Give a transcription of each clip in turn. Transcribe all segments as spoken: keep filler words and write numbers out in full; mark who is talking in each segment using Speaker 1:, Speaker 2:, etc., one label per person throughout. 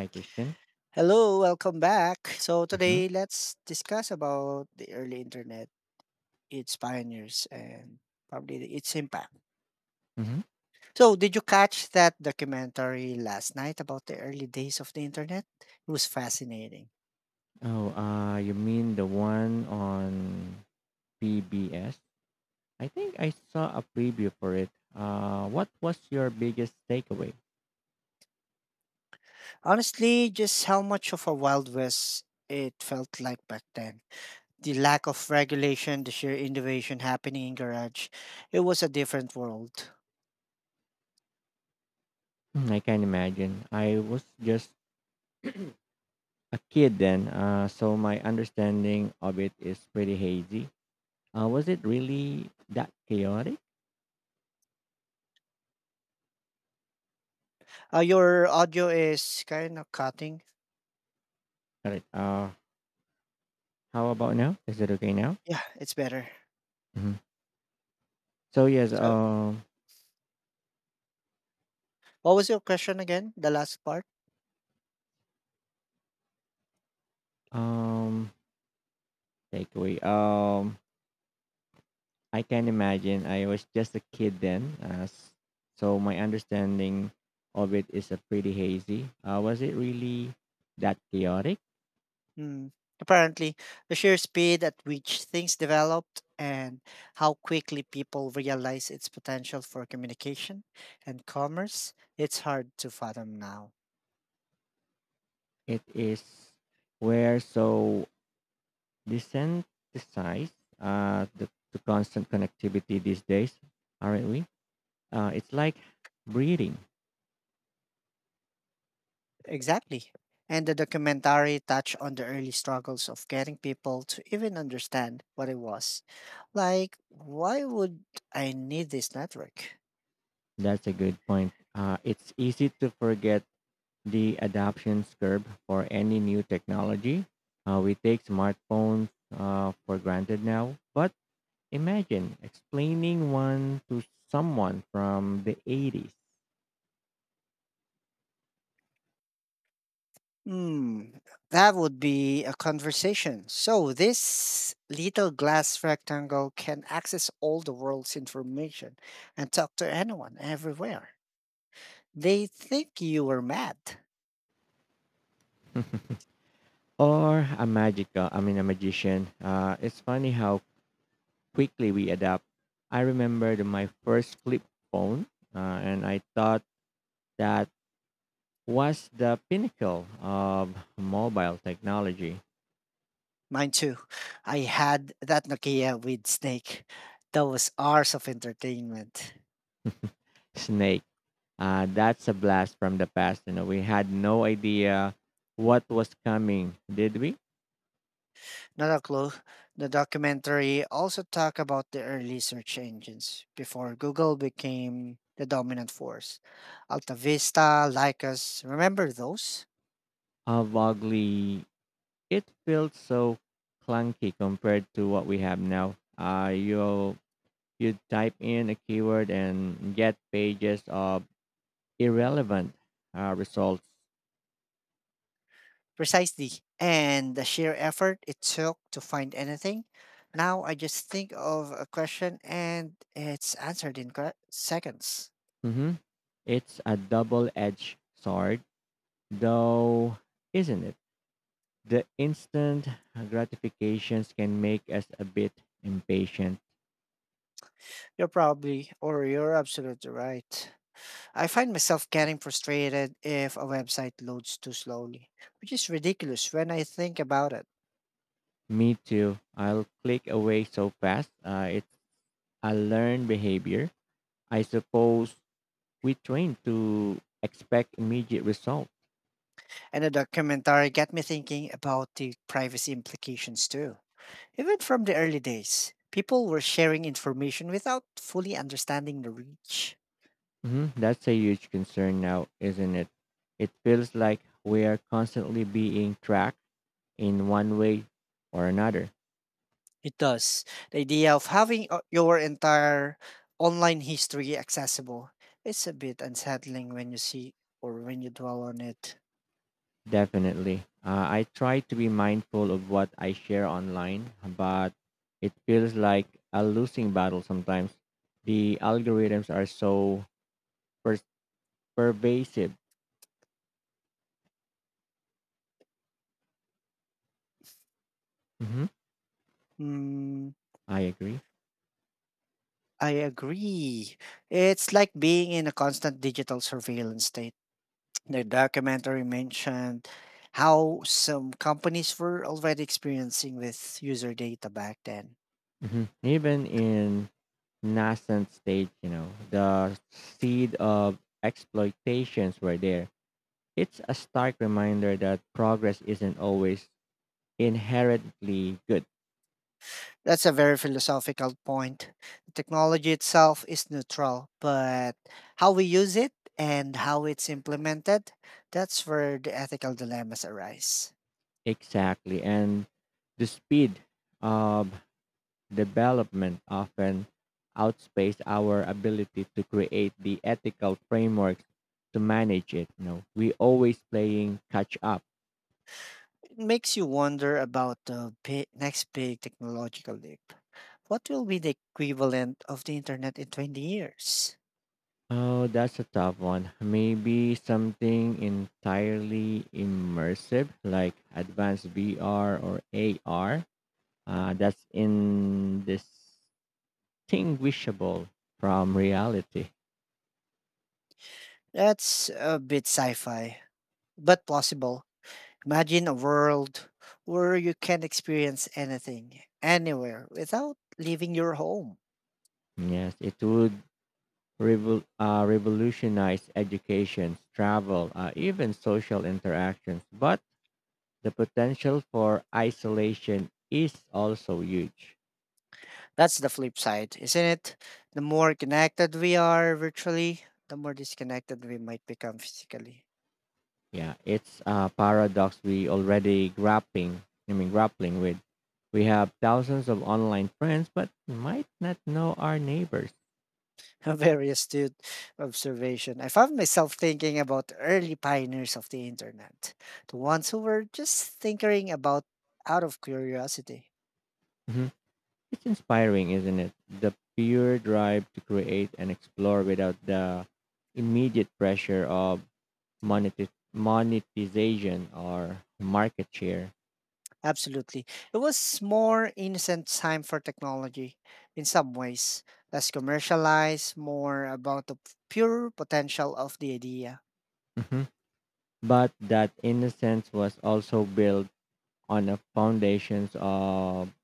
Speaker 1: Hi, Christian.
Speaker 2: Hello, welcome back. So
Speaker 1: Mm-hmm.
Speaker 2: today let's discuss about the early internet, its pioneers and probably the- its impact.
Speaker 1: Mm-hmm.
Speaker 2: So did you catch that documentary last night about the early days of the internet? It was fascinating.
Speaker 1: Oh, uh, you mean the one on P B S? I think I saw a preview for it. Uh, what was your biggest takeaway?
Speaker 2: Honestly, just how much of a wild west it felt like back then, the lack of regulation, the sheer innovation happening in garage, it was a different world.
Speaker 1: Hmm, I can imagine. I was just a kid then, uh, so my understanding of it is pretty hazy. Uh, was it really that chaotic?
Speaker 2: Uh, your audio is kind of cutting.
Speaker 1: All right. Uh, how about now? Is it okay now?
Speaker 2: Yeah, it's better.
Speaker 1: Hmm. So yes.
Speaker 2: So,
Speaker 1: Um.
Speaker 2: what was your question again? The last part?
Speaker 1: Um. Takeaway. Um. I can imagine. I was just a kid then, uh, s- so my understanding of it is a pretty hazy. Uh, was it really that chaotic?
Speaker 2: Hmm. Apparently, the sheer speed at which things developed and how quickly people realize its potential for communication and commerce, it's hard to fathom now.
Speaker 1: It is where so desensitized uh, the, to constant connectivity these days, aren't we? Uh, it's like breathing.
Speaker 2: Exactly. And the documentary touched on the early struggles of getting people to even understand what it was. Like, why would I need this network?
Speaker 1: That's a good point. Uh, it's easy to forget the adoption curve for any new technology. Uh, we take smartphones uh, for granted now, but imagine explaining one to someone from the eighties.
Speaker 2: Hmm, that would be a conversation. So, this little glass rectangle can access all the world's information and talk to anyone everywhere. They think you were mad.
Speaker 1: Or a magical, I mean, a magician. Uh, it's funny how quickly we adapt. I remember my first flip phone, uh, and I thought that was the pinnacle of mobile technology.
Speaker 2: Mine too. I had that Nokia with Snake. That was hours of entertainment.
Speaker 1: Snake. Uh, that's a blast from the past. You know, we had no idea what was coming, did we?
Speaker 2: Not a clue. The documentary also talked about the early search engines before Google became the dominant force. Alta Vista, Lycos, remember those?
Speaker 1: Uh, vaguely, it felt so clunky compared to what we have now. Uh, you you type in a keyword and get pages of irrelevant uh, results.
Speaker 2: Precisely. And the sheer effort it took to find anything. Now I just think of a question and it's answered in que- seconds.
Speaker 1: Hmm. It's a double-edged sword, though, isn't it? The instant gratifications can make us a bit impatient.
Speaker 2: You're probably, or you're absolutely right. I find myself getting frustrated if a website loads too slowly, which is ridiculous when I think about it.
Speaker 1: Me too. I'll click away so fast. Uh, it's a learned behavior. I suppose we train to expect immediate result.
Speaker 2: And the documentary got me thinking about the privacy implications too. Even from the early days, people were sharing information without fully understanding the reach.
Speaker 1: Hmm. That's a huge concern now, isn't it? It feels like we are constantly being tracked in one way or another.
Speaker 2: It does. The idea of having uh, your entire online history accessible, it's a bit unsettling when you see or when you dwell on it.
Speaker 1: Definitely. Uh, I try to be mindful of what I share online, but it feels like a losing battle sometimes. The algorithms are so per- pervasive. Hmm.
Speaker 2: Mm,
Speaker 1: I agree.
Speaker 2: I agree. It's like being in a constant digital surveillance state. The documentary mentioned how some companies were already experiencing with user data back then.
Speaker 1: Hmm. Even in nascent stage, you know, the seed of exploitations were there. It's a stark reminder that progress isn't always inherently good.
Speaker 2: That's a very philosophical point. Technology itself is neutral, but how we use it and how it's implemented, that's where the ethical dilemmas arise.
Speaker 1: Exactly. And the speed of development often outpaces our ability to create the ethical frameworks to manage it. You know, we always playing catch up.
Speaker 2: It makes you wonder about the bi- next big technological leap. What will be the equivalent of the internet in twenty years?
Speaker 1: Oh, that's a tough one. Maybe something entirely immersive, like advanced V R or A R, uh, that's indistinguishable from reality.
Speaker 2: That's a bit sci fi, but possible. Imagine a world where you can experience anything, anywhere, without leaving your home.
Speaker 1: Yes, it would revol- uh, revolutionize education, travel, uh, even social interactions. But the potential for isolation is also huge.
Speaker 2: That's the flip side, isn't it? The more connected we are virtually, the more disconnected we might become physically.
Speaker 1: Yeah, it's a paradox we already grappling. I mean, grappling with. We have thousands of online friends, but might not know our neighbors.
Speaker 2: A very astute observation. I found myself thinking about early pioneers of the internet, the ones who were just tinkering about out of curiosity.
Speaker 1: Mhm. It's inspiring, isn't it? The pure drive to create and explore without the immediate pressure of monetiz- monetization or market share.
Speaker 2: Absolutely. It was more innocent time for technology in some ways, less commercialized, more about the pure potential of the idea.
Speaker 1: Mhm. But that innocence was also built on the foundations of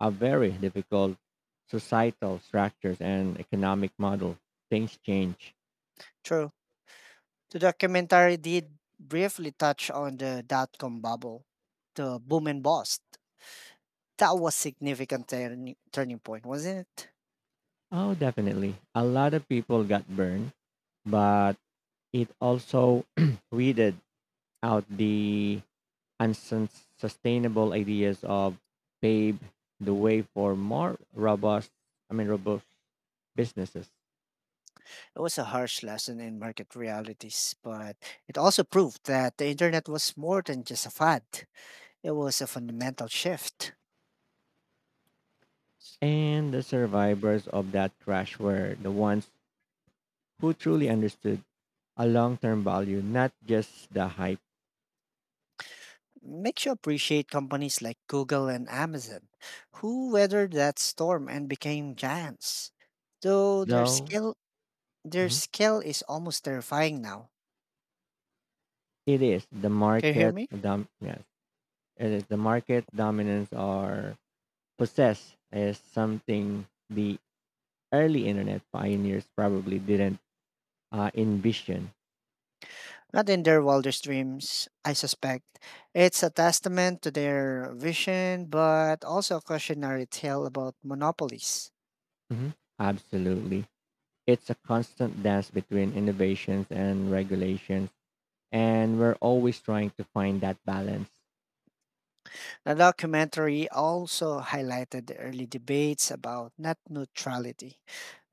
Speaker 1: a very difficult societal structures and economic model. Things change.
Speaker 2: True. The documentary did briefly touch on the dot com bubble, the boom and bust. That was significant turning turning point, wasn't it?
Speaker 1: Oh, definitely. A lot of people got burned, but it also weeded out the unsustainable ideas of paved the way for more robust, I mean, robust businesses.
Speaker 2: It was a harsh lesson in market realities, but it also proved that the internet was more than just a fad. It was a fundamental shift.
Speaker 1: And the survivors of that crash were the ones who truly understood a long-term value, not just the hype.
Speaker 2: Makes you appreciate companies like Google and Amazon, who weathered that storm and became giants. Though their
Speaker 1: Though,
Speaker 2: scale their
Speaker 1: mhm.
Speaker 2: scale is almost terrifying now.
Speaker 1: It is the
Speaker 2: Can you hear
Speaker 1: market
Speaker 2: me?
Speaker 1: dom- yes. It is the market dominance or possess is something the early internet pioneers probably didn't uh, envision.
Speaker 2: Not in their wildest dreams, I suspect. It's a testament to their vision, but also a cautionary tale about monopolies.
Speaker 1: Mhm. Absolutely. It's a constant dance between innovations and regulations and we're always trying to find that balance.
Speaker 2: The documentary also highlighted the early debates about net neutrality.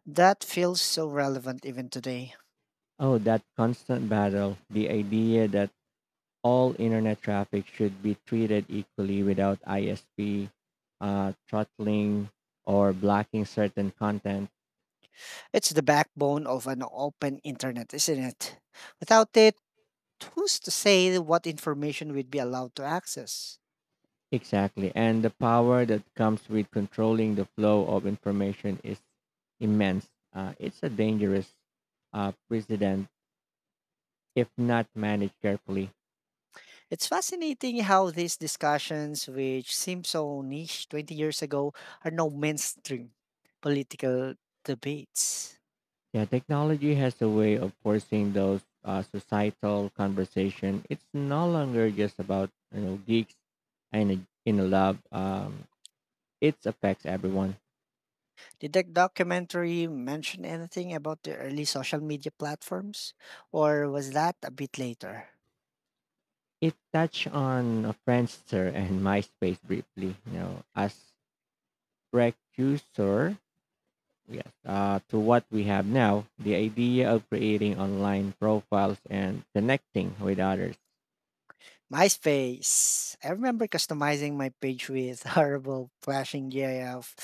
Speaker 2: That feels so relevant even today.
Speaker 1: Oh, that constant battle, the idea that all internet traffic should be treated equally without I S P uh, throttling or blocking certain content.
Speaker 2: It's the backbone of an open internet, isn't it? Without it, who's to say what information we'd be allowed to access?
Speaker 1: Exactly. And the power that comes with controlling the flow of information is immense. Uh, it's a dangerous uh, precedent if not managed carefully.
Speaker 2: It's fascinating how these discussions, which seemed so niche twenty years ago, are now mainstream political debates.
Speaker 1: Yeah, technology has a way of forcing those uh, societal conversation. It's no longer just about you know geeks in a in a lab. Um, It affects everyone.
Speaker 2: Did that documentary mention anything about the early social media platforms? Or was that a bit later?
Speaker 1: It touched on uh, Friendster and MySpace briefly, you know, as precursor yes, uh, to what we have now, the idea of creating online profiles and connecting with others.
Speaker 2: MySpace. I remember customizing my page with horrible flashing GIF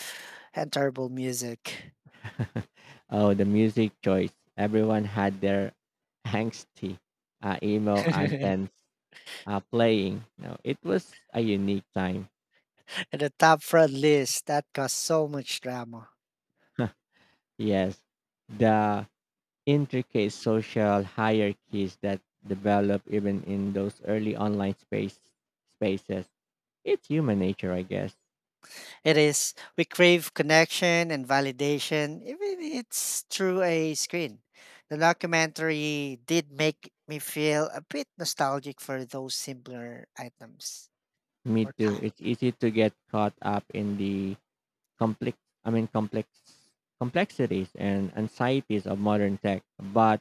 Speaker 2: and terrible music.
Speaker 1: Oh, the music choice. Everyone had their angsty uh, emo anthems uh, playing. You know, it was a unique time.
Speaker 2: And the top front list that caused so much drama.
Speaker 1: Yes. The intricate social hierarchies that develop even in those early online space spaces. It's human nature, I guess.
Speaker 2: It is, we crave connection and validation, even if it's through a screen. The documentary did make me feel a bit nostalgic for those simpler items
Speaker 1: Me
Speaker 2: or
Speaker 1: too.
Speaker 2: times.
Speaker 1: It's easy to get caught up in the complex I mean complex complexities and anxieties of modern tech. But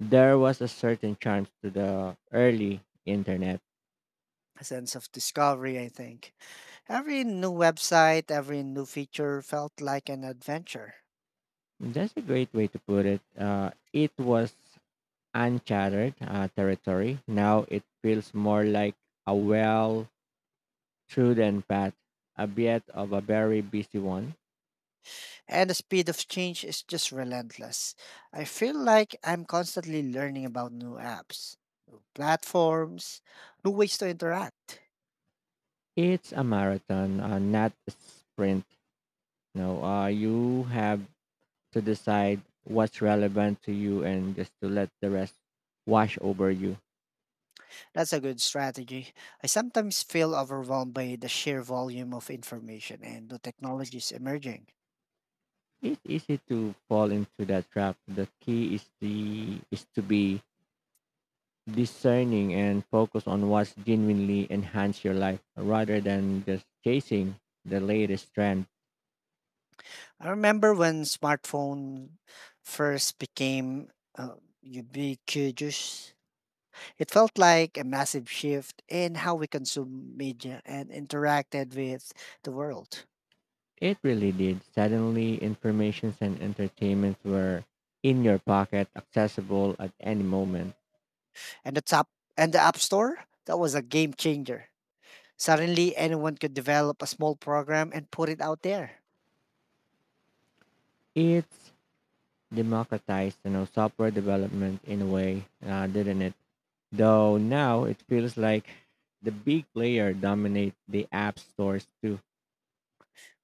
Speaker 1: there was a certain charm to the early internet.
Speaker 2: A sense of discovery, I think. Every new website, every new feature felt like an adventure.
Speaker 1: That's a great way to put it. Uh, it was uncharted uh, territory. Now it feels more like a well. True and Pat, a bit of a very busy one.
Speaker 2: And the speed of change is just relentless. I feel like I'm constantly learning about new apps, platforms, new ways to interact.
Speaker 1: It's a marathon, uh, not a sprint. No, uh, you have to decide what's relevant to you and just to let the rest wash over you.
Speaker 2: That's a good strategy. I sometimes feel overwhelmed by the sheer volume of information and the technologies emerging.
Speaker 1: It's easy to fall into that trap. The key is the is to be discerning and focus on what's genuinely enhance your life rather than just chasing the latest trend.
Speaker 2: I remember when smartphone first became uh, ubiquitous. It felt like a massive shift in how we consume media and interacted with the world.
Speaker 1: It really did. Suddenly, informations and entertainment were in your pocket, accessible at any moment.
Speaker 2: And the top and the App Store, that was a game changer. Suddenly anyone could develop a small program and put it out there.
Speaker 1: It's democratized, you know, software development in a way, uh, didn't it? Though now it feels like the big player dominate the app stores too.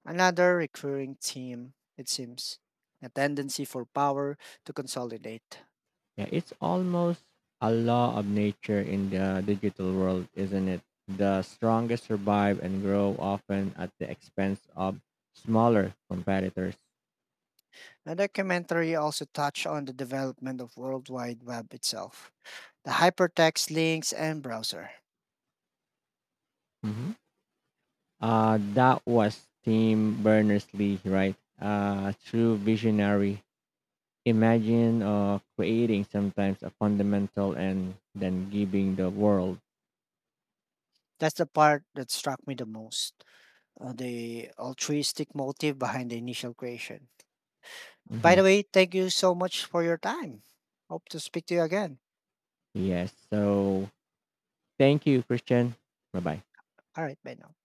Speaker 2: Another recurring theme, it seems, a tendency for power to consolidate.
Speaker 1: Yeah, it's almost a law of nature in the digital world, isn't it? The strongest survive and grow often at the expense of smaller competitors.
Speaker 2: The documentary also touched on the development of World Wide Web itself, the hypertext links and browser.
Speaker 1: Mhm. Uh, that was Tim Berners-Lee, right? Uh, true visionary. Imagine uh, creating sometimes a fundamental and then giving the world.
Speaker 2: That's the part that struck me the most, uh, the altruistic motive behind the initial creation. By the
Speaker 1: Mhm.
Speaker 2: way, thank you so much for your time. Hope to speak to you again.
Speaker 1: Yes. So thank you, Christian. Bye bye.
Speaker 2: All right, bye now.